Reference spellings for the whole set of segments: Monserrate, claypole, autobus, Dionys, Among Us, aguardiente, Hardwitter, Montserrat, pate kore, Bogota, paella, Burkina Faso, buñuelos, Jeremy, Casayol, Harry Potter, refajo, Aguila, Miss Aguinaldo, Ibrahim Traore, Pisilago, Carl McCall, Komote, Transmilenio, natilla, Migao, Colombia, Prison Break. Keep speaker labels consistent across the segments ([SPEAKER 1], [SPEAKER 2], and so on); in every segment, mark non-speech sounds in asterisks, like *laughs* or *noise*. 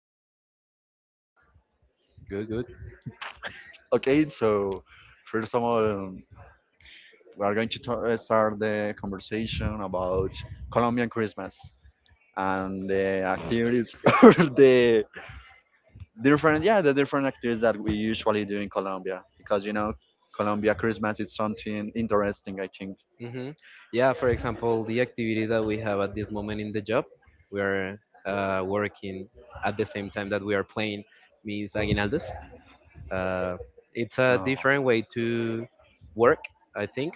[SPEAKER 1] Um, good, good.
[SPEAKER 2] Okay, so first of all, we are going to start the conversation about Colombian Christmas and the activities, *laughs* or the different, yeah, the different activities that we usually do in Colombia. Because you know, Colombia Christmas is something interesting, I think.
[SPEAKER 1] hmm Yeah, for example, the activity that we have at this moment in the job, we are working at the same time that we are playing Miss Aguinaldos. Uh, it's a
[SPEAKER 2] Uh,
[SPEAKER 1] different way to work, I think,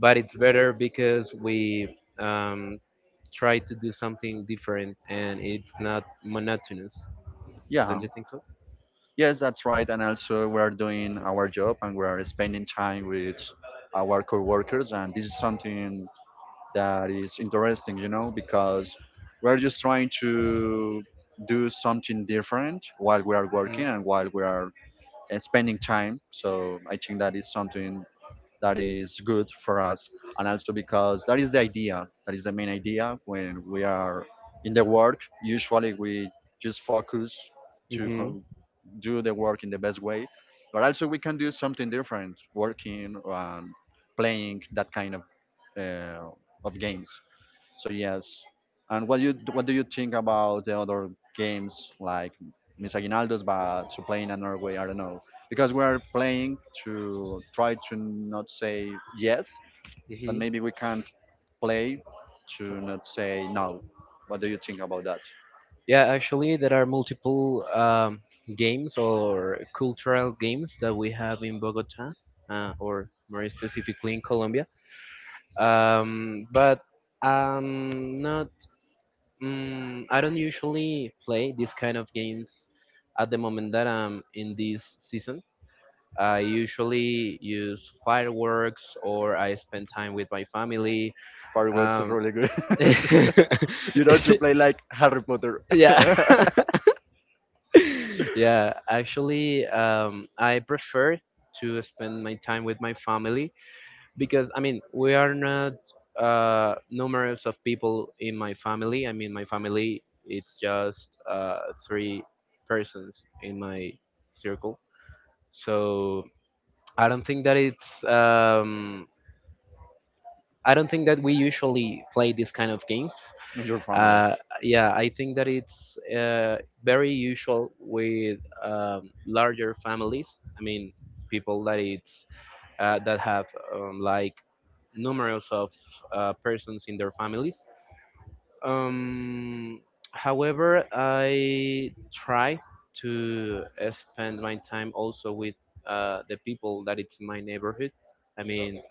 [SPEAKER 1] but it's better because we um, try to do something different and it's not monotonous. Don't
[SPEAKER 2] yeah,
[SPEAKER 1] you think so?
[SPEAKER 2] yes, that's right. And also, we are doing our job and we are spending time with our coworkers, and this is something that is interesting, you know, because we're just trying to do something different while we are
[SPEAKER 1] hmm
[SPEAKER 2] working and while we are spending time. So I think that is something that is good for us. And also because that is the idea, that is the main idea when we are in the work. Usually we just focus to
[SPEAKER 1] hmm
[SPEAKER 2] do the work in the best way, but also we can do something different, working and playing that kind uh, of games. So yes. And what do you think about the other games like Miss Aguinaldo's but to play in another way? I don't know because we're playing to try to not say yes, but
[SPEAKER 1] hmm
[SPEAKER 2] maybe we can play to not say no. What do you think about that?
[SPEAKER 1] Yeah, actually, there are multiple games or cultural games that we have in Bogota, or more specifically in Colombia. But not, mm, I don't usually play this kind of games at the moment that I'm in this season. I usually use fireworks or I spend time with my family.
[SPEAKER 2] Fireworks are
[SPEAKER 1] Um,
[SPEAKER 2] really good.
[SPEAKER 1] *laughs*
[SPEAKER 2] *laughs* You know, to play like Harry Potter.
[SPEAKER 1] yeah
[SPEAKER 2] *laughs*
[SPEAKER 1] *laughs* yeah actually I prefer to spend my time with my family because I mean we are not numerous of people in my family. I mean my family it's just three persons in my circle, so i don't think that it's um I don't think that we usually play this kind of games.
[SPEAKER 2] You're familiar
[SPEAKER 1] uh, yeah, I think that it's very usual with larger families. I mean, people that it's that have like numerous of persons in their families. Um, However, I try to spend my time also with the people that it's in my neighborhood. I mean,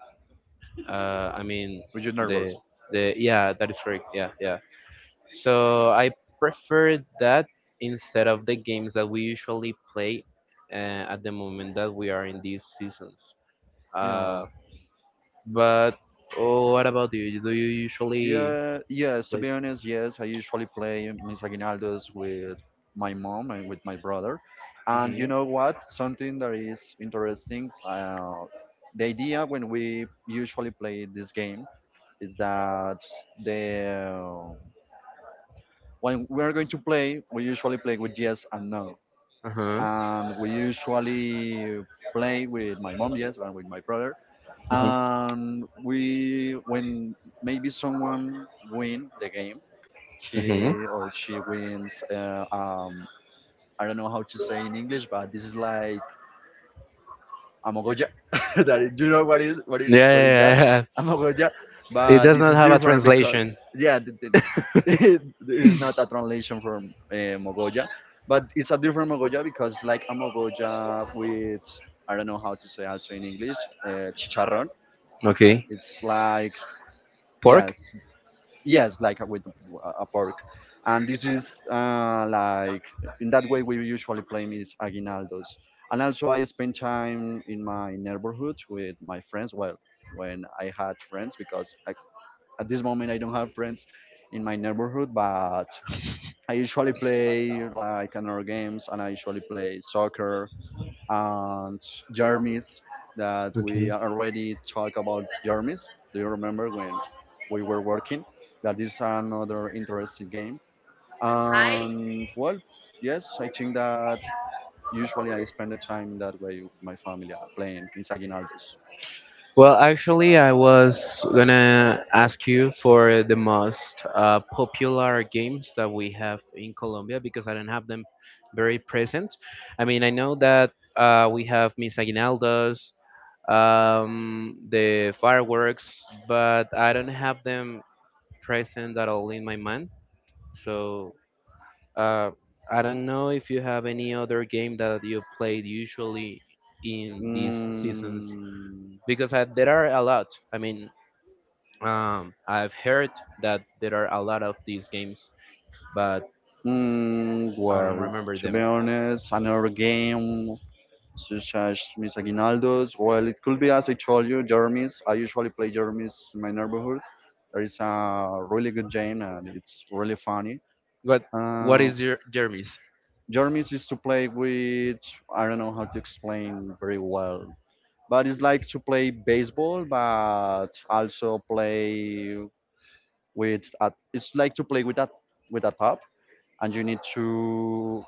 [SPEAKER 1] I mean
[SPEAKER 2] with your
[SPEAKER 1] the
[SPEAKER 2] neighbors.
[SPEAKER 1] the yeah, that is correct. Yeah, yeah. So I prefer that instead of the games that we usually play at the moment that we are in these seasons.
[SPEAKER 2] Yeah.
[SPEAKER 1] Uh, but oh, what about you? Do you usually
[SPEAKER 2] Yeah, yes, to
[SPEAKER 1] play?
[SPEAKER 2] be honest, yes. I usually play Mis Aguinaldos with my mom and with my brother. And you
[SPEAKER 1] Mhm.
[SPEAKER 2] know what? Something that is interesting, the idea when we usually play this game is that the when we are going to play, we usually play with yes and no.
[SPEAKER 1] Uh huh.
[SPEAKER 2] And we usually play with my mom, yes, and with my brother.
[SPEAKER 1] Mhm.
[SPEAKER 2] And we when maybe someone win the game,
[SPEAKER 1] Mhm.
[SPEAKER 2] he or she wins. I don't know how to say in English, but this is like a mogoya. *laughs*
[SPEAKER 1] *laughs*
[SPEAKER 2] That is, do you know what is
[SPEAKER 1] Yeah,
[SPEAKER 2] that?
[SPEAKER 1] yeah, yeah.
[SPEAKER 2] A mogoya.
[SPEAKER 1] yeah. It
[SPEAKER 2] But
[SPEAKER 1] does
[SPEAKER 2] this
[SPEAKER 1] not
[SPEAKER 2] is
[SPEAKER 1] have a
[SPEAKER 2] different because
[SPEAKER 1] translation.
[SPEAKER 2] yeah, *laughs*
[SPEAKER 1] *laughs*
[SPEAKER 2] it is not a translation from mogoya, but it's a different mogoya because like a mogoya with, I don't know how to say also in English, uh, chicharrón.
[SPEAKER 1] Okay.
[SPEAKER 2] It's like
[SPEAKER 1] Pork.
[SPEAKER 2] yes. Yes, like with a pork. And this is like, in that way, we usually play is aguinaldos. And also, I spend time in my neighborhood with my friends. Well, when I had friends, because I, at this moment, I don't have friends in my neighborhood, but I usually play like another games and I usually play soccer and Jermis, that we
[SPEAKER 1] Okay.
[SPEAKER 2] already talked about Jermis. Do you remember when we were working? That is another interesting game. And well, yes, I think that usually I spend the time that way with my family playing Mis Aguinaldos.
[SPEAKER 1] Well, actually, I was gonna ask you for the most popular games that we have in Colombia because I don't have them very present. I mean, I know that we have Miss Aguinaldos, the fireworks, but I don't have them present at all in my mind. So uh, I don't know if you have any other game that you played usually in these seasons
[SPEAKER 2] Mm,
[SPEAKER 1] because I, there are a lot. I mean, I've heard that there are a lot of these games, but I don't
[SPEAKER 2] well,
[SPEAKER 1] remember
[SPEAKER 2] to be
[SPEAKER 1] them.
[SPEAKER 2] honest, another game such as Miss Aguinaldo's. Well, it could be, as I told you, Jeremy's. I usually play Jeremy's in my neighborhood. There is a really good game and it's really funny.
[SPEAKER 1] What What
[SPEAKER 2] Uh,
[SPEAKER 1] is your Jeremy's?
[SPEAKER 2] Jeremy's is to play with, I don't know how to explain very well, but it's like to play baseball, but also play with, a, it's like to play with a top and you need to,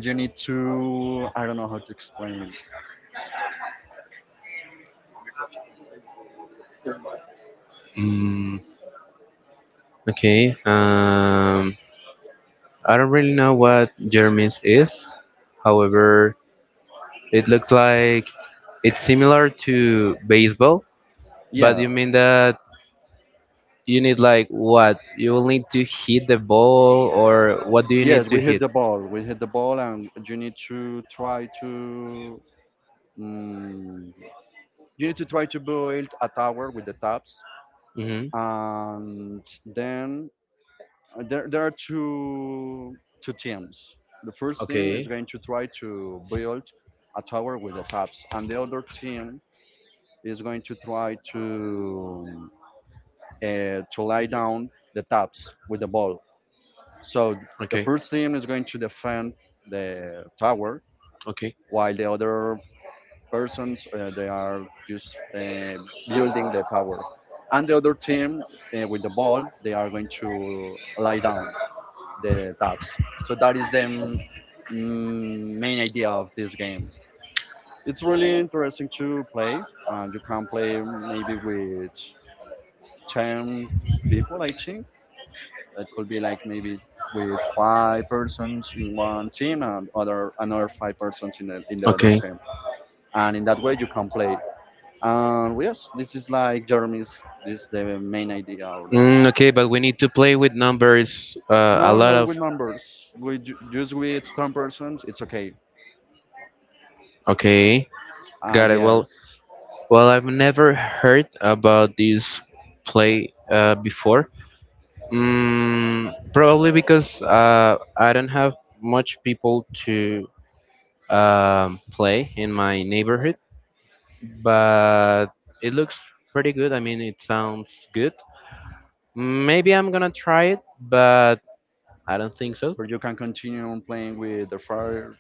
[SPEAKER 2] I don't know how to explain.
[SPEAKER 1] Mm, okay. I don't really know what Jeremy's is. However, it looks like it's similar to baseball, but
[SPEAKER 2] Yeah,
[SPEAKER 1] you mean that you need like what? You will need to hit the ball, or what do you
[SPEAKER 2] yes,
[SPEAKER 1] need to
[SPEAKER 2] we hit
[SPEAKER 1] hit?
[SPEAKER 2] the ball. We hit the ball, and you need to try to, mm, you need to try to build a tower with the taps,
[SPEAKER 1] Mm-hmm.
[SPEAKER 2] and then there are two teams. The first team is
[SPEAKER 1] Okay.
[SPEAKER 2] going to try to build a tower with the taps, and the other team is going to try to lay down the taps with the ball. So the
[SPEAKER 1] Okay.
[SPEAKER 2] first team is going to defend the tower
[SPEAKER 1] Okay.
[SPEAKER 2] while the other persons they are just building the tower, and the other team, with the ball, they are going to lie down the tabs. So that is the main idea of this game. It's really interesting to play, and you can play maybe with 10 people, I think. It could be like maybe with five persons in one team and other another five persons in the other
[SPEAKER 1] Okay.
[SPEAKER 2] team, and in that way you can play. And well, yes, this is like Jeremy's. This is the main idea. Or the
[SPEAKER 1] Mm, okay, but we need to play with numbers. A
[SPEAKER 2] no,
[SPEAKER 1] lot
[SPEAKER 2] no,
[SPEAKER 1] of.
[SPEAKER 2] with numbers. We just with ten persons, it's okay.
[SPEAKER 1] Okay, got it.
[SPEAKER 2] Yes,
[SPEAKER 1] Well, I've never heard about this play before. Mm, probably because I don't have much people to play in my neighborhood, but it looks pretty good. I mean, it sounds good. Maybe I'm gonna try it, but I don't think so.
[SPEAKER 2] or you can continue on playing with the fire.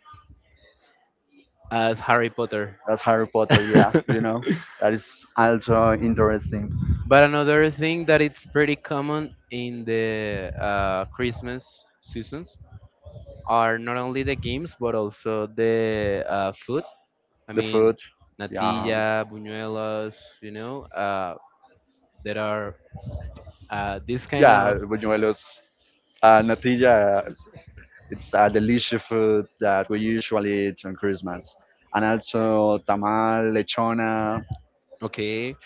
[SPEAKER 1] As Harry Potter.
[SPEAKER 2] That's Harry Potter. Yeah, you
[SPEAKER 1] *laughs*
[SPEAKER 2] know that is also interesting.
[SPEAKER 1] But another thing that it's pretty common in the Christmas seasons are not only the games but also the food. I
[SPEAKER 2] The
[SPEAKER 1] mean,
[SPEAKER 2] food. Yeah,
[SPEAKER 1] natilla, buñuelos. You know, there are this kind
[SPEAKER 2] yeah.
[SPEAKER 1] of.
[SPEAKER 2] Buñuelos, natilla. It's a delicious food that we usually eat on Christmas, and also tamal, lechona,
[SPEAKER 1] Okay,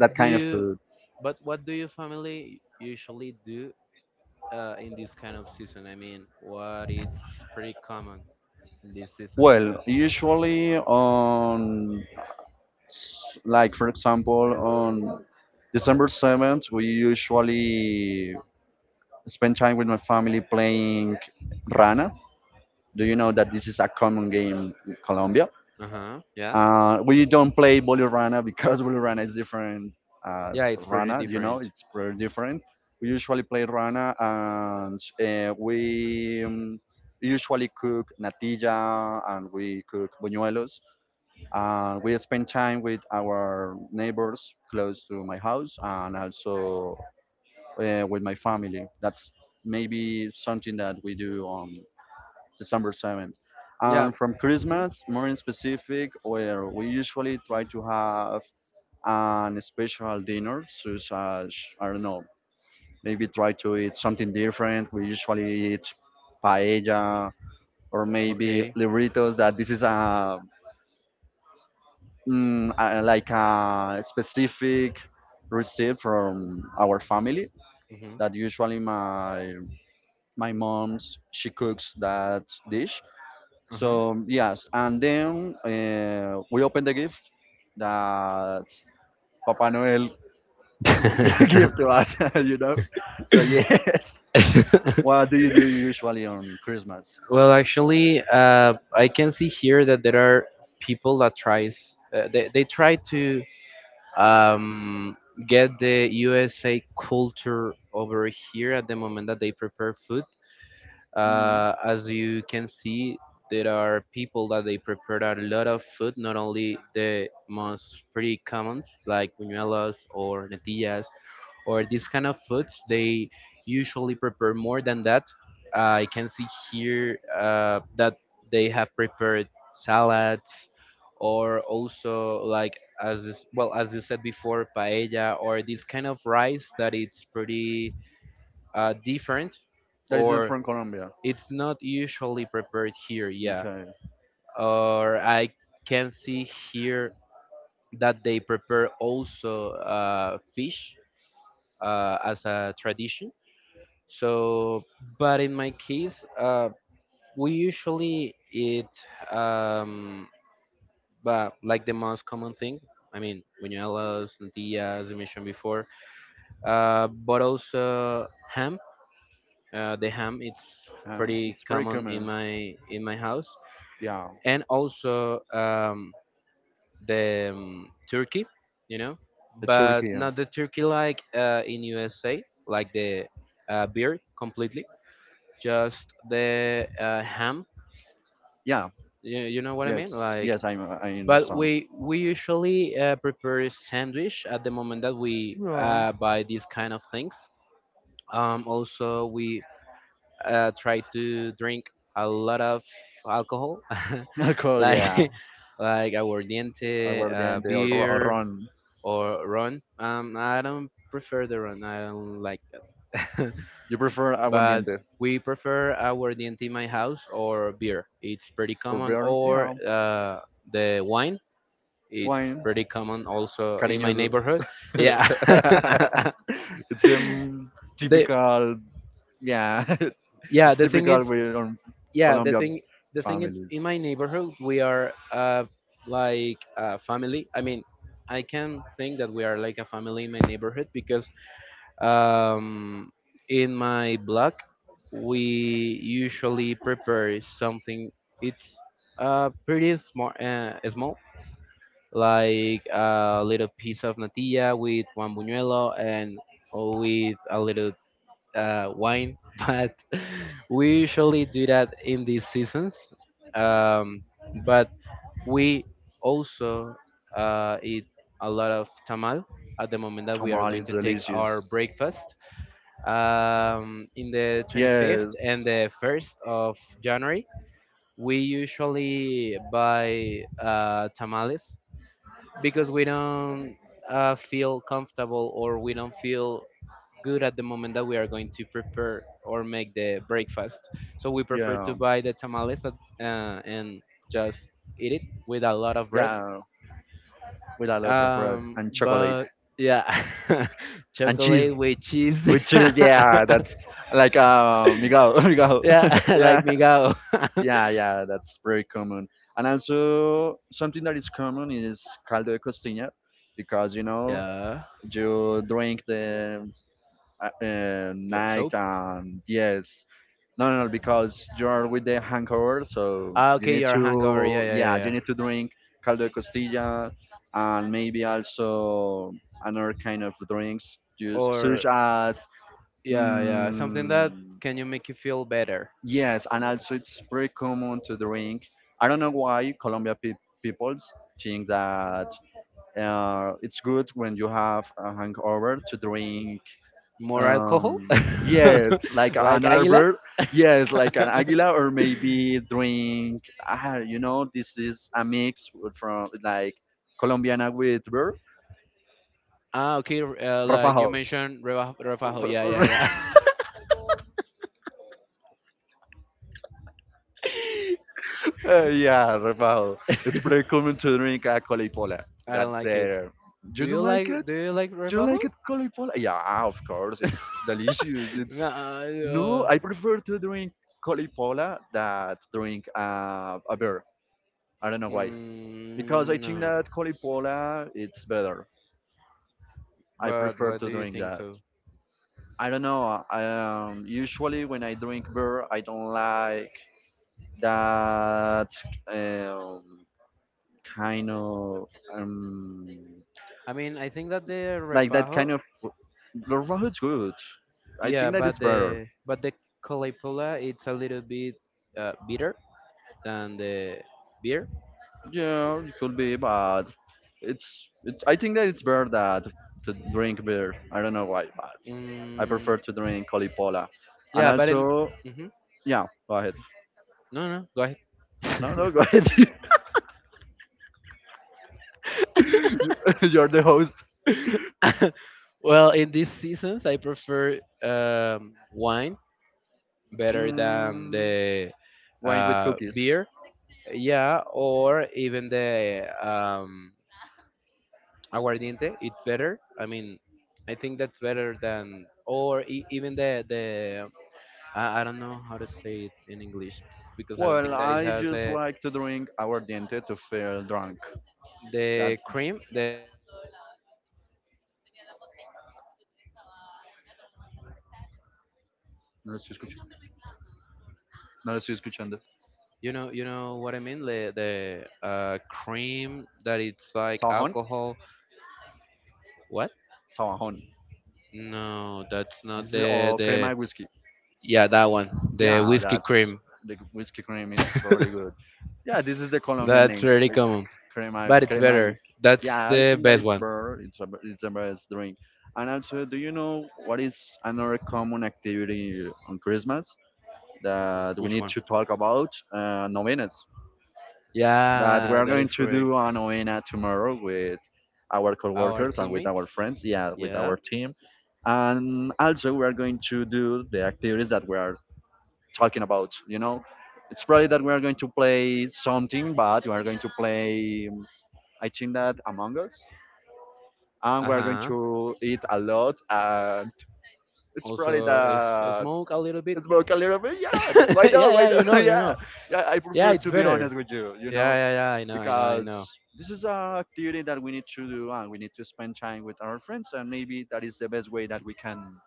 [SPEAKER 2] that
[SPEAKER 1] do
[SPEAKER 2] kind of
[SPEAKER 1] you?
[SPEAKER 2] food.
[SPEAKER 1] But what do your family usually do in this kind of season? I mean, what it's pretty common in these seasons
[SPEAKER 2] Well,
[SPEAKER 1] that.
[SPEAKER 2] usually on, like for example, on December 7th, we usually spend time with my family playing Rana. Do you know that this is a common game in Colombia?
[SPEAKER 1] Uh huh.
[SPEAKER 2] We don't play Boli Rana because *laughs* Boli Rana is different as
[SPEAKER 1] Yeah, it's pretty
[SPEAKER 2] Rana, you know,
[SPEAKER 1] different.
[SPEAKER 2] it's very different. We usually play Rana and we usually cook natilla and we cook buñuelos, and we spend time with our neighbors close to my house, and also with my family. That's maybe something that we do on December 7th.
[SPEAKER 1] Yeah.
[SPEAKER 2] And from
[SPEAKER 1] hmm
[SPEAKER 2] Christmas more in specific, where we usually try to have an special dinner such as, I don't know, maybe try to eat something different. We usually eat paella, or maybe
[SPEAKER 1] Okay.
[SPEAKER 2] libritos, that this is a like a specific receipt from our family,
[SPEAKER 1] hmm
[SPEAKER 2] that usually my mom's, she cooks that dish.
[SPEAKER 1] Uh-huh.
[SPEAKER 2] So yes, and then we open the gift that papa noel *laughs* give to us, *laughs* you know.
[SPEAKER 1] *laughs*
[SPEAKER 2] So *laughs* yes, what do you do usually on Christmas?
[SPEAKER 1] Well, actually, I can see here that there are people that tries they try to um, get the USA culture over here at the moment that they prepare food.
[SPEAKER 2] Mm.
[SPEAKER 1] As you can see, there are people that they prepare a lot of food, not only the most pretty commons like buñuelos or natillas or these kind of foods. They usually prepare more than that. I can see here that they have prepared salads or also like as this, well as you said before paella or this kind of rice that it's pretty different
[SPEAKER 2] That is not
[SPEAKER 1] or
[SPEAKER 2] from Colombia.
[SPEAKER 1] it's not usually prepared here, yeah.
[SPEAKER 2] Okay.
[SPEAKER 1] Or I can see here that they prepare also fish as a tradition. So, but in my case, we usually eat um, but like the most common thing. I mean, buñuelos, tortillas, as I mentioned before, but also ham. The ham it's pretty
[SPEAKER 2] It's pretty
[SPEAKER 1] common in
[SPEAKER 2] common.
[SPEAKER 1] my house.
[SPEAKER 2] Yeah,
[SPEAKER 1] And also the turkey, you know,
[SPEAKER 2] the
[SPEAKER 1] but
[SPEAKER 2] turkey.
[SPEAKER 1] not the turkey like in USA, like the beer completely, just the ham.
[SPEAKER 2] Yeah.
[SPEAKER 1] You know what I mean?
[SPEAKER 2] Yes,
[SPEAKER 1] Like,
[SPEAKER 2] yes, I'm, I
[SPEAKER 1] but
[SPEAKER 2] understand.
[SPEAKER 1] we usually prepare a sandwich at the moment that we
[SPEAKER 2] Yeah.
[SPEAKER 1] buy these kind of things. Also, we try to drink a lot of alcohol,
[SPEAKER 2] *laughs*
[SPEAKER 1] *laughs*
[SPEAKER 2] Cool, yeah.
[SPEAKER 1] like *laughs* like aguardiente,
[SPEAKER 2] Aguardiente or, or
[SPEAKER 1] beer,
[SPEAKER 2] ron.
[SPEAKER 1] or run. I don't prefer the run. I don't like that.
[SPEAKER 2] You prefer
[SPEAKER 1] *laughs* But
[SPEAKER 2] aguardiente
[SPEAKER 1] we prefer our DNT in my house or beer. It's pretty
[SPEAKER 2] or
[SPEAKER 1] common,
[SPEAKER 2] beer?
[SPEAKER 1] or
[SPEAKER 2] Yeah,
[SPEAKER 1] the wine. It's
[SPEAKER 2] wine.
[SPEAKER 1] pretty common also in my
[SPEAKER 2] Cariñoso. *laughs*
[SPEAKER 1] neighborhood.
[SPEAKER 2] It's
[SPEAKER 1] Yeah. *laughs*
[SPEAKER 2] um,
[SPEAKER 1] the
[SPEAKER 2] typical, yeah, *laughs*
[SPEAKER 1] yeah
[SPEAKER 2] it's
[SPEAKER 1] the thing
[SPEAKER 2] typical
[SPEAKER 1] is
[SPEAKER 2] with on
[SPEAKER 1] yeah the
[SPEAKER 2] Colombia
[SPEAKER 1] thing The thing is
[SPEAKER 2] families.
[SPEAKER 1] in my neighborhood we are like a family. I mean I can think that we are like a family in my neighborhood because Um, in my blog, we usually prepare something. It's small, like a little piece of natilla with one buñuelo and with a little wine. *laughs* But we usually do that in these seasons. Um, but we also eat a lot of tamal at the moment that we are
[SPEAKER 2] Tamal
[SPEAKER 1] going
[SPEAKER 2] is
[SPEAKER 1] to take our
[SPEAKER 2] delicious.
[SPEAKER 1] breakfast in the 25th
[SPEAKER 2] Yes,
[SPEAKER 1] and the 1st of January, we usually buy tamales because we don't feel comfortable or we don't feel good at the moment that we are going to prepare or make the breakfast. So we prefer
[SPEAKER 2] yeah,
[SPEAKER 1] to buy the tamales at, and just eat it with a lot of bread.
[SPEAKER 2] yeah, with a lot of bread
[SPEAKER 1] Um,
[SPEAKER 2] and chocolate
[SPEAKER 1] but yeah, *laughs*
[SPEAKER 2] and cheese.
[SPEAKER 1] chocolate with cheese.
[SPEAKER 2] Which is
[SPEAKER 1] *laughs*
[SPEAKER 2] yeah, that's like Miguel, *laughs* Miguel.
[SPEAKER 1] Yeah, *laughs*
[SPEAKER 2] *laughs* Yeah,
[SPEAKER 1] like Migao. *laughs*
[SPEAKER 2] yeah, yeah. That's very common. And also something that is common is caldo de costilla, because you know,
[SPEAKER 1] yeah,
[SPEAKER 2] you drink the
[SPEAKER 1] the
[SPEAKER 2] night
[SPEAKER 1] soap.
[SPEAKER 2] and yes, no, no, no, because you are with the hangover, so
[SPEAKER 1] Ah,
[SPEAKER 2] you
[SPEAKER 1] okay,
[SPEAKER 2] need
[SPEAKER 1] you're hungover. Yeah,
[SPEAKER 2] to,
[SPEAKER 1] yeah, yeah.
[SPEAKER 2] yeah, you
[SPEAKER 1] yeah.
[SPEAKER 2] need to drink caldo de costilla, and maybe also another kind of drinks, juice,
[SPEAKER 1] Or
[SPEAKER 2] such as,
[SPEAKER 1] yeah, yeah, something that
[SPEAKER 2] Mm,
[SPEAKER 1] can you make you feel better.
[SPEAKER 2] yes, and also it's very common to drink. I don't know why Colombia peoples think that it's good when you have a hangover to drink.
[SPEAKER 1] More alcohol,
[SPEAKER 2] Um, yes, like
[SPEAKER 1] *laughs* like
[SPEAKER 2] another
[SPEAKER 1] Aguila.
[SPEAKER 2] bird.
[SPEAKER 1] *laughs*
[SPEAKER 2] Yes, like an águila, or maybe drink. Ah, you know, this is a mix with from like Colombiana with bird.
[SPEAKER 1] ah, okay. Like you
[SPEAKER 2] Rafael.
[SPEAKER 1] mentioned, refajo. Yeah, yeah, yeah.
[SPEAKER 2] *laughs* Yeah, Rafael. It's pretty common
[SPEAKER 1] *laughs*
[SPEAKER 2] to drink a colipola.
[SPEAKER 1] I don't
[SPEAKER 2] That's
[SPEAKER 1] like it.
[SPEAKER 2] their. You don't like it?
[SPEAKER 1] Do you like
[SPEAKER 2] You don't like
[SPEAKER 1] refajo?
[SPEAKER 2] it, colipola? Yeah, of course. It's delicious.
[SPEAKER 1] *laughs*
[SPEAKER 2] It's
[SPEAKER 1] No.
[SPEAKER 2] no. I prefer to drink colipola that drink a beer. I don't know why. Because I
[SPEAKER 1] Mm,
[SPEAKER 2] think
[SPEAKER 1] no.
[SPEAKER 2] that colipola it's better. I
[SPEAKER 1] But
[SPEAKER 2] prefer
[SPEAKER 1] why
[SPEAKER 2] to
[SPEAKER 1] do you
[SPEAKER 2] drink
[SPEAKER 1] think
[SPEAKER 2] that.
[SPEAKER 1] so?
[SPEAKER 2] I don't know. I, usually when I drink beer, I don't like that um, kind of um,
[SPEAKER 1] I mean, I think that the
[SPEAKER 2] like that kind
[SPEAKER 1] refajo,
[SPEAKER 2] of Larva is good. I
[SPEAKER 1] yeah,
[SPEAKER 2] think that
[SPEAKER 1] but
[SPEAKER 2] it's better.
[SPEAKER 1] the claypole, it's a little bit bitter than the beer.
[SPEAKER 2] Yeah, it could be, but it's it's. I think that it's better that to drink beer. I don't know why, but I
[SPEAKER 1] Mm,
[SPEAKER 2] prefer to drink colipola. And
[SPEAKER 1] yeah, but in
[SPEAKER 2] also,
[SPEAKER 1] hmm
[SPEAKER 2] yeah, go ahead.
[SPEAKER 1] no, no, go ahead.
[SPEAKER 2] No, no, go ahead. *laughs* You- *laughs* You're the host.
[SPEAKER 1] *laughs* Well, in these seasons, I prefer wine better than
[SPEAKER 2] Mm,
[SPEAKER 1] the
[SPEAKER 2] wine with cookies.
[SPEAKER 1] beer. Yeah, or even the aguardiente it's better. I mean I think that's better than or even the I don't know how to say it in english because I don't
[SPEAKER 2] Well,
[SPEAKER 1] think that it
[SPEAKER 2] I
[SPEAKER 1] has
[SPEAKER 2] just like to drink aguardiente to feel drunk.
[SPEAKER 1] the
[SPEAKER 2] That's
[SPEAKER 1] cream the
[SPEAKER 2] no lo estoy escuchando. No lo estoy escuchando.
[SPEAKER 1] you know what I mean the cream that it's like
[SPEAKER 2] Sabajón,
[SPEAKER 1] alcohol. What?
[SPEAKER 2] sabajón.
[SPEAKER 1] No that's not
[SPEAKER 2] This is
[SPEAKER 1] the
[SPEAKER 2] or crema
[SPEAKER 1] the
[SPEAKER 2] de whisky.
[SPEAKER 1] yeah that one, the
[SPEAKER 2] Yeah,
[SPEAKER 1] whiskey
[SPEAKER 2] that's
[SPEAKER 1] cream.
[SPEAKER 2] the whiskey cream. It's really
[SPEAKER 1] *laughs*
[SPEAKER 2] good. Yeah, this is the Colombian
[SPEAKER 1] That's
[SPEAKER 2] name,
[SPEAKER 1] really
[SPEAKER 2] like,
[SPEAKER 1] common but it's
[SPEAKER 2] crema
[SPEAKER 1] better,
[SPEAKER 2] whiskey.
[SPEAKER 1] that's
[SPEAKER 2] Yeah, I
[SPEAKER 1] the
[SPEAKER 2] think that
[SPEAKER 1] best
[SPEAKER 2] it's
[SPEAKER 1] one.
[SPEAKER 2] better. It's a, it's the best drink. And also, do you know what is another common activity on Christmas that we
[SPEAKER 1] Which
[SPEAKER 2] need
[SPEAKER 1] one?
[SPEAKER 2] to talk about? Novenas. That we
[SPEAKER 1] Yeah
[SPEAKER 2] are
[SPEAKER 1] that
[SPEAKER 2] going
[SPEAKER 1] is
[SPEAKER 2] to
[SPEAKER 1] correct,
[SPEAKER 2] do a novena tomorrow with our
[SPEAKER 1] our
[SPEAKER 2] coworkers and with
[SPEAKER 1] teammates.
[SPEAKER 2] our friends. Yeah, with
[SPEAKER 1] Yeah.
[SPEAKER 2] our team. And also, we are going to do the activities that were talking about. You know, it's probably that we are going to play something, but we are going to play. I think that Among Us, and
[SPEAKER 1] Uh
[SPEAKER 2] we are going
[SPEAKER 1] huh.
[SPEAKER 2] to eat a lot, and it's probably
[SPEAKER 1] Also,
[SPEAKER 2] that.
[SPEAKER 1] smoke a little bit.
[SPEAKER 2] It's broke a little bit, yeah.
[SPEAKER 1] *laughs*
[SPEAKER 2] Why not?
[SPEAKER 1] Yeah,
[SPEAKER 2] Why
[SPEAKER 1] yeah, you
[SPEAKER 2] not? *laughs*
[SPEAKER 1] know, you know.
[SPEAKER 2] Yeah, yeah. I
[SPEAKER 1] Yeah,
[SPEAKER 2] prefer
[SPEAKER 1] it's
[SPEAKER 2] to be
[SPEAKER 1] better.
[SPEAKER 2] honest with you, you
[SPEAKER 1] Yeah,
[SPEAKER 2] know,
[SPEAKER 1] yeah, yeah. I know, I know, I
[SPEAKER 2] because
[SPEAKER 1] know.
[SPEAKER 2] this is a activity that we need to do, and we need to spend time with our friends, and maybe that is the best way that we can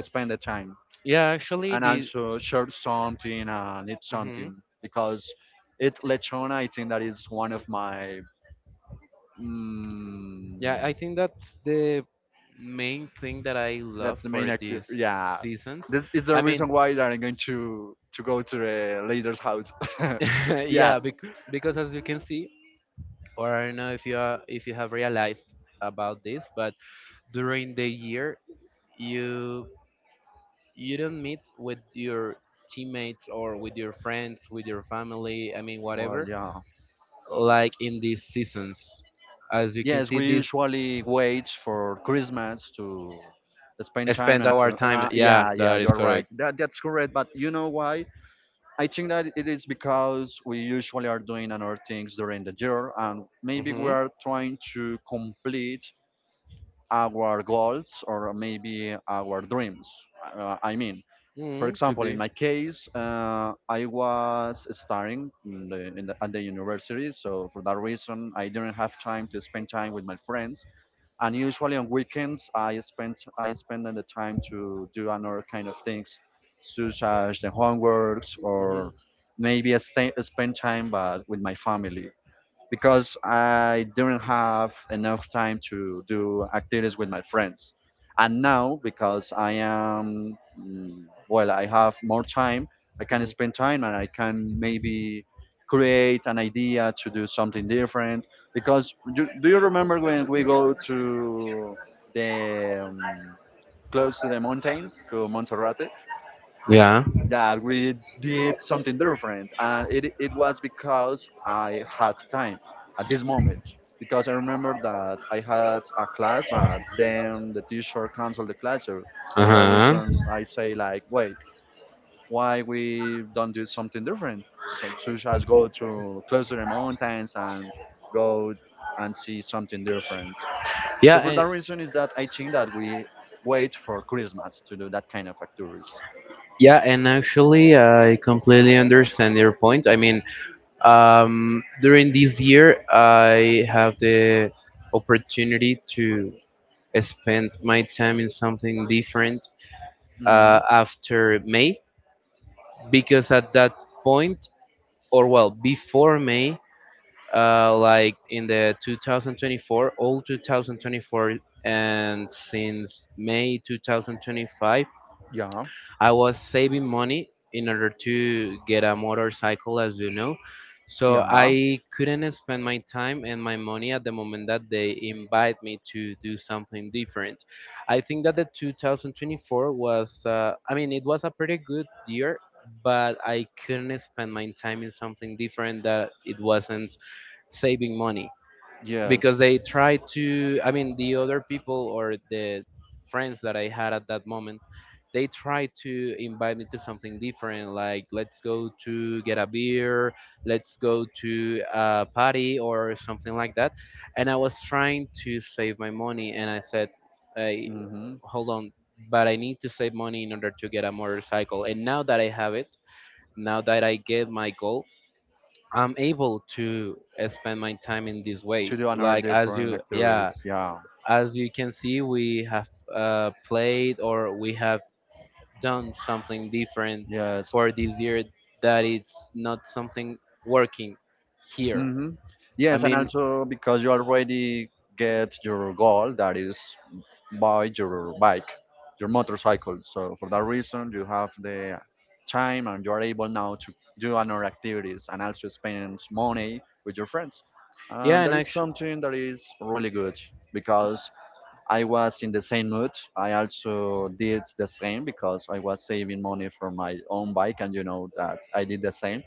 [SPEAKER 2] spend the time.
[SPEAKER 1] Yeah, actually,
[SPEAKER 2] And
[SPEAKER 1] the
[SPEAKER 2] also share something and eat
[SPEAKER 1] hmm
[SPEAKER 2] something because it lechon, I think that is one of my mm,
[SPEAKER 1] yeah, I think that's the main thing that I love
[SPEAKER 2] that's the main
[SPEAKER 1] for
[SPEAKER 2] active.
[SPEAKER 1] these
[SPEAKER 2] Yeah,
[SPEAKER 1] seasons.
[SPEAKER 2] this is the
[SPEAKER 1] I mean,
[SPEAKER 2] reason why that I'm going to go to the leader's house,
[SPEAKER 1] *laughs*
[SPEAKER 2] *laughs* yeah.
[SPEAKER 1] yeah, bec- because as you can see, or I don't know if you are, if you have realized about this, but during the year you you don't meet with your teammates or with your friends, with your family, I mean,
[SPEAKER 2] Well,
[SPEAKER 1] whatever,
[SPEAKER 2] yeah,
[SPEAKER 1] like in these seasons. As you can
[SPEAKER 2] yes,
[SPEAKER 1] see,
[SPEAKER 2] we
[SPEAKER 1] this
[SPEAKER 2] usually wait for Christmas to spend time
[SPEAKER 1] spend
[SPEAKER 2] and
[SPEAKER 1] our
[SPEAKER 2] to
[SPEAKER 1] time. Yeah,
[SPEAKER 2] yeah, yeah,
[SPEAKER 1] that is
[SPEAKER 2] you're right
[SPEAKER 1] correct.
[SPEAKER 2] that's correct. But you know why? I think that it is because we usually are doing other things during the year, and maybe we
[SPEAKER 1] Mm-hmm.
[SPEAKER 2] are trying to complete our goals or maybe our dreams. I mean, for
[SPEAKER 1] Mm-hmm. Could
[SPEAKER 2] example, in
[SPEAKER 1] be.
[SPEAKER 2] my case, I was studying in at the university, so for that reason, I didn't have time to spend time with my friends, and usually on weekends I spend the time to do another kind of things, such as the homeworks,
[SPEAKER 1] Mm-hmm.
[SPEAKER 2] or maybe I stay, spend time but with my family, because I didn't have enough time to do activities with my friends. And now, because I am, well, I have more time, I can
[SPEAKER 1] Mm-hmm.
[SPEAKER 2] spend time and I can maybe create an idea to do something different. Because do you remember when we go to the close to the mountains, to Montserrat?
[SPEAKER 1] Yeah.
[SPEAKER 2] That we did something different, and it was because I had time at this moment, because I remember that I had a class but then the teacher canceled the class, so for that
[SPEAKER 1] Uh-huh.
[SPEAKER 2] reason I say like, wait, why we don't do something different, so such as go to close to the mountains and go and see something different.
[SPEAKER 1] Yeah,
[SPEAKER 2] So for
[SPEAKER 1] and
[SPEAKER 2] that reason is that I think that we wait for Christmas to do that kind of activities.
[SPEAKER 1] yeah, and actually, I completely understand your point. I mean, during this year, I have the opportunity to spend my time in something different
[SPEAKER 2] Hmm,
[SPEAKER 1] after May because at that point, or well, before May, like in the 2024, all 2024, and since May 2025,
[SPEAKER 2] yeah,
[SPEAKER 1] I was saving money in order to get a motorcycle, as you know. So
[SPEAKER 2] yeah.
[SPEAKER 1] I couldn't spend my time and my money at the moment that they invite me to do something different. I think that the 2024 was, I mean, it was a pretty good year, but I couldn't spend my time in something different that it wasn't saving money
[SPEAKER 2] Yes.
[SPEAKER 1] because they try to. I mean the other people or the friends that I had at that moment they try to invite me to something different like let's go to get a beer, let's go to a party or something like that, and I was trying to save my money and I said hey,
[SPEAKER 2] Mm-hmm.
[SPEAKER 1] hold on, but I need to save money in order to get a motorcycle. And now that I have it, now that I get my goal, I'm able to spend my time in this way.
[SPEAKER 2] To do another
[SPEAKER 1] Like as
[SPEAKER 2] different
[SPEAKER 1] you, yeah,
[SPEAKER 2] activities. Yeah.
[SPEAKER 1] as you can see, we have played or we have done something different
[SPEAKER 2] Yes.
[SPEAKER 1] for this year that it's not something working here.
[SPEAKER 2] Mm-hmm.
[SPEAKER 1] I
[SPEAKER 2] Yes, and
[SPEAKER 1] mean,
[SPEAKER 2] also because you already get your goal, that is buy your bike, your motorcycle. So for that reason, you have the time and you are able now to do another activities and also spend money with your friends.
[SPEAKER 1] yeah,
[SPEAKER 2] And
[SPEAKER 1] and
[SPEAKER 2] that is
[SPEAKER 1] actually,
[SPEAKER 2] something that is really good, because I was in the same mood. I also did the same because I was saving money for my own bike, and you know that I did the same.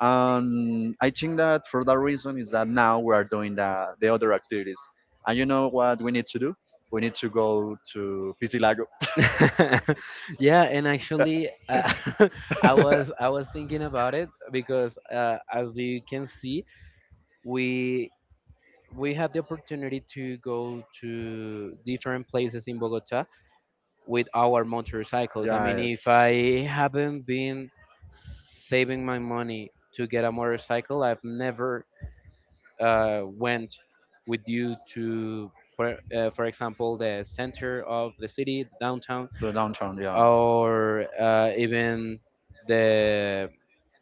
[SPEAKER 2] And I think that for that reason is that now we are doing the other activities. And you know what we need to do? We need to go to Pisilago.
[SPEAKER 1] *laughs* yeah, and actually, *laughs* I was thinking about it because as you can see, we we had the opportunity to go to different places in Bogota with our motorcycles. I mean, if
[SPEAKER 2] Yes,
[SPEAKER 1] I haven't been saving my money to get a motorcycle, I've never went with you to, for example, the center of the city, downtown,
[SPEAKER 2] to downtown. Yeah.
[SPEAKER 1] or even the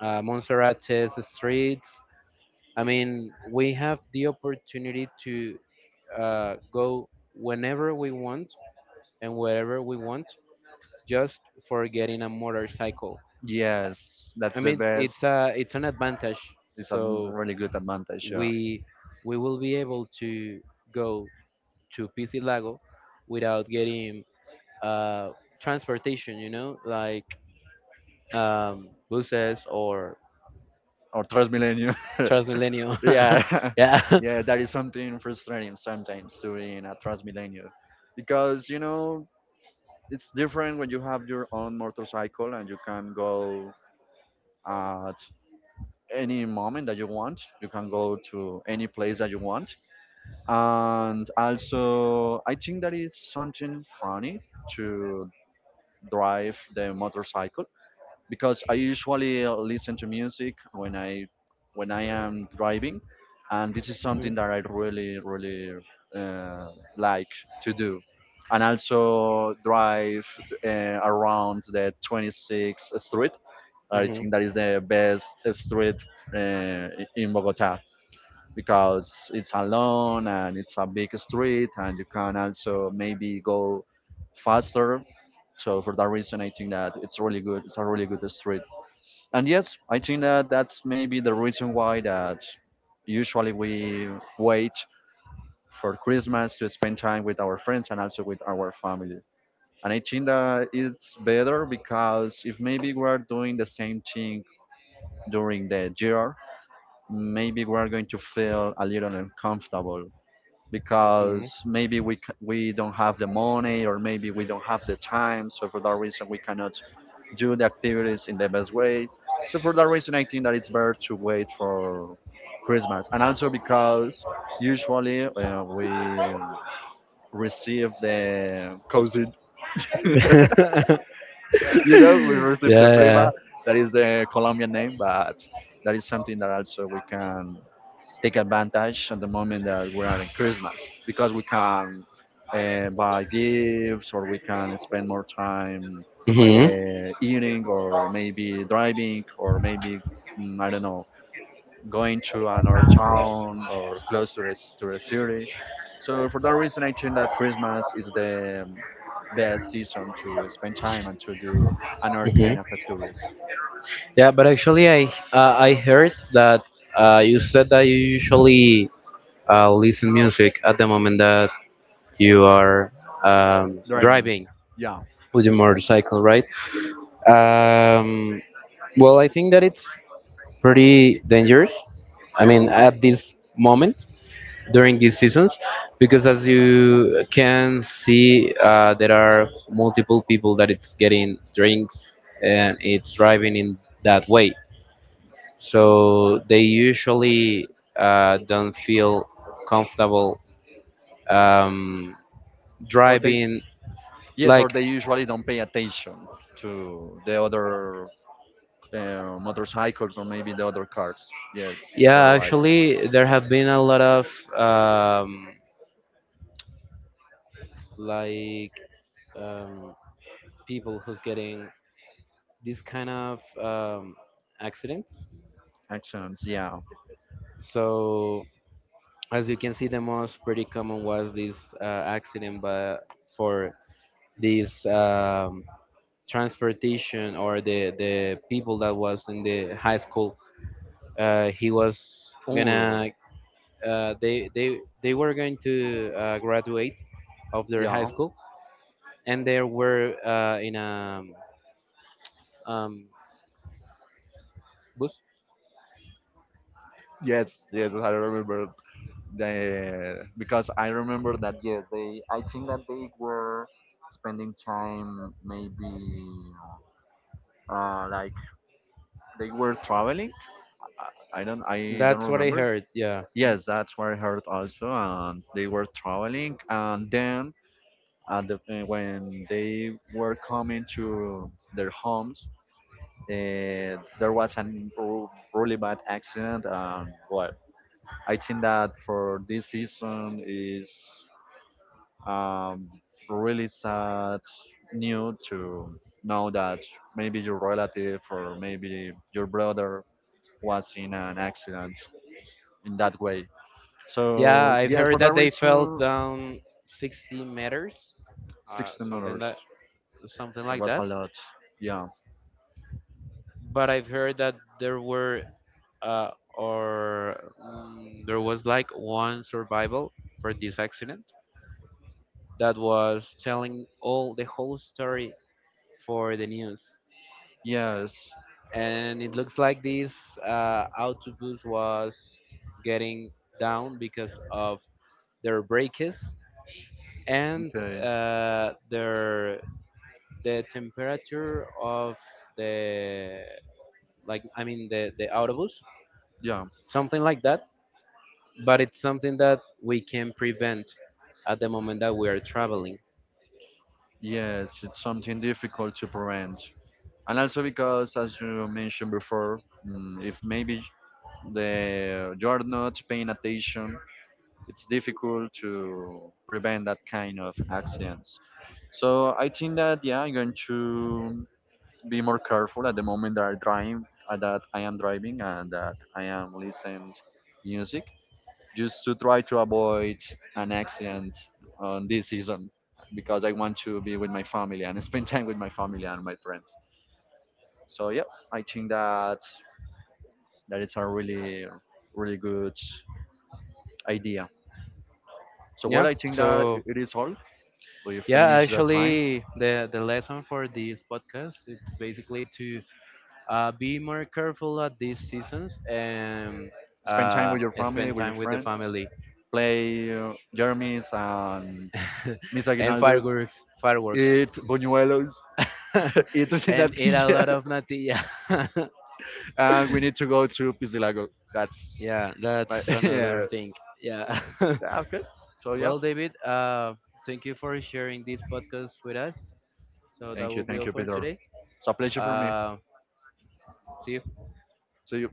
[SPEAKER 1] Monserrate's streets. I mean, we have the opportunity to go whenever we want and wherever we want just for getting a motorcycle.
[SPEAKER 2] Yes, that's
[SPEAKER 1] I
[SPEAKER 2] the
[SPEAKER 1] mean,
[SPEAKER 2] best.
[SPEAKER 1] it's a it's an advantage.
[SPEAKER 2] It's a
[SPEAKER 1] So
[SPEAKER 2] really good advantage. Yeah.
[SPEAKER 1] we we will be able to go to Pisilago without getting uh, transportation. You know, like buses or
[SPEAKER 2] Or Transmilenio. *laughs*
[SPEAKER 1] Transmilenio.
[SPEAKER 2] Yeah,
[SPEAKER 1] *laughs*
[SPEAKER 2] *laughs*
[SPEAKER 1] yeah.
[SPEAKER 2] yeah, that is something frustrating sometimes to be in a transmilenio, because you know, it's different when you have your own motorcycle and you can go at any moment that you want, you can go to any place that you want. And also I think that is something funny to drive the motorcycle, because I usually listen to music when I am driving, and this is something
[SPEAKER 1] Mhm.
[SPEAKER 2] that I really, really uh, like to do. And also drive around the 26th Street. I
[SPEAKER 1] Mhm.
[SPEAKER 2] think that is the best street uh, in Bogota, because it's alone and it's a big street, and you can also maybe go faster. So for that reason, I think that it's really good. It's a really good street. And yes, I think that that's maybe the reason why that usually we wait for Christmas to spend time with our friends and also with our family. And I think that it's better because if maybe we're doing the same thing during the year, maybe we're going to feel a little uncomfortable,
[SPEAKER 1] Mhm.
[SPEAKER 2] because maybe we don't have the money or maybe we don't have the time. So for that reason, we cannot do the activities in the best way. So for that reason, I think that it's better to wait for Christmas. And also because usually we receive the cousin, *laughs* you
[SPEAKER 1] *laughs*
[SPEAKER 2] know, we
[SPEAKER 1] yeah.
[SPEAKER 2] receive the
[SPEAKER 1] Yeah.
[SPEAKER 2] prima. That is the Colombian name, but that is something that also we can take advantage at the moment that we are in Christmas, because we can buy gifts, or we can spend more time
[SPEAKER 1] Mhm.
[SPEAKER 2] eating, or maybe driving, or maybe I don't know, going to another town or close to to the city. So for that reason, I think that Christmas is the best season to spend time and to do another kind
[SPEAKER 1] Mhm.
[SPEAKER 2] of activities.
[SPEAKER 1] Yeah, but actually, I heard that you said that you usually listen music at the moment that you are
[SPEAKER 2] Driving,
[SPEAKER 1] driving
[SPEAKER 2] yeah,
[SPEAKER 1] with your motorcycle, right? Um, well, I think that it's pretty dangerous. I mean, at this moment during these seasons, because as you can see, there are multiple people that it's getting drinks and it's driving in that way, so they usually don't feel comfortable um,
[SPEAKER 2] or the,
[SPEAKER 1] driving.
[SPEAKER 2] yes,
[SPEAKER 1] Like,
[SPEAKER 2] or they usually don't pay attention to the other motorcycles or maybe the other cars. Yes,
[SPEAKER 1] yeah,
[SPEAKER 2] you're right.
[SPEAKER 1] actually, there have been a lot of um, like um, people who's getting this kind of accidents.
[SPEAKER 2] Actions, yeah.
[SPEAKER 1] So, as you can see, the most pretty common was this accident, but for this transportation or the people that was in the high school, he was gonna
[SPEAKER 2] Oh,
[SPEAKER 1] they were going to graduate of their high
[SPEAKER 2] yeah.
[SPEAKER 1] school and they were in a um, bus.
[SPEAKER 2] Yes, yes, I remember. The, because I remember that, yes, they. I think that they were spending time maybe like they were traveling. I don't
[SPEAKER 1] That's what I
[SPEAKER 2] remember.
[SPEAKER 1] heard, yeah.
[SPEAKER 2] Yes, that's what I heard also. And they were traveling, and then at when they were coming to their homes, there was a really bad accident. And well, I think that for this season is um, really sad new to know that maybe your relative or maybe your brother was in an accident in that way.
[SPEAKER 1] Yeah
[SPEAKER 2] So
[SPEAKER 1] I've
[SPEAKER 2] yes,
[SPEAKER 1] heard
[SPEAKER 2] for that
[SPEAKER 1] that they fell
[SPEAKER 2] reason,
[SPEAKER 1] down 60 meters,
[SPEAKER 2] sixteen
[SPEAKER 1] something
[SPEAKER 2] dollars.
[SPEAKER 1] that, something
[SPEAKER 2] That
[SPEAKER 1] like
[SPEAKER 2] was
[SPEAKER 1] that,
[SPEAKER 2] a lot. Yeah.
[SPEAKER 1] but I've heard that there were there was like one survival for this accident that was telling all the whole story for the news.
[SPEAKER 2] Yes.
[SPEAKER 1] And it looks like this autobus was getting down because of their brakes and
[SPEAKER 2] Okay.
[SPEAKER 1] their the temperature of the like I mean the autobus,
[SPEAKER 2] Yeah,
[SPEAKER 1] something like that. But it's something that we can prevent at the moment that we are traveling.
[SPEAKER 2] yes, it's something difficult to prevent. And also because, as you mentioned before, if maybe the you're not paying attention, it's difficult to prevent that kind of accidents. So I think that, yeah, I'm going to be more careful at the moment that that I am driving, and that I am listening music, just to try to avoid an accident on this season, because I want to be with my family and *laughs* spend time with my family and my friends. So yeah, I think that it's a really, really good idea. So what
[SPEAKER 1] Yeah.
[SPEAKER 2] I think that
[SPEAKER 1] So
[SPEAKER 2] it is all. We
[SPEAKER 1] yeah,
[SPEAKER 2] finish the time,
[SPEAKER 1] actually, the lesson for this podcast it's basically to be more careful at these seasons and
[SPEAKER 2] spend time
[SPEAKER 1] uh,
[SPEAKER 2] with your family,
[SPEAKER 1] spend
[SPEAKER 2] with your
[SPEAKER 1] time with the
[SPEAKER 2] friends,
[SPEAKER 1] family
[SPEAKER 2] play Jeremy's and
[SPEAKER 1] *laughs*
[SPEAKER 2] Miss
[SPEAKER 1] and
[SPEAKER 2] Aguinaldo's,
[SPEAKER 1] fireworks, fireworks
[SPEAKER 2] eat buñuelos, *laughs*
[SPEAKER 1] *laughs*
[SPEAKER 2] eat natilla,
[SPEAKER 1] and eat a lot of natilla. *laughs*
[SPEAKER 2] *laughs* and we need to go to Pisilago. That's,
[SPEAKER 1] Yeah
[SPEAKER 2] but
[SPEAKER 1] that's
[SPEAKER 2] *laughs*
[SPEAKER 1] another
[SPEAKER 2] yeah,
[SPEAKER 1] thing. Yeah *laughs*
[SPEAKER 2] yeah, okay. So yeah,
[SPEAKER 1] well david, thank you for sharing this podcast with us, so that will be
[SPEAKER 2] thank
[SPEAKER 1] all
[SPEAKER 2] you,
[SPEAKER 1] for
[SPEAKER 2] Peter.
[SPEAKER 1] today.
[SPEAKER 2] It's a pleasure for me.
[SPEAKER 1] uh, See you.
[SPEAKER 2] See you.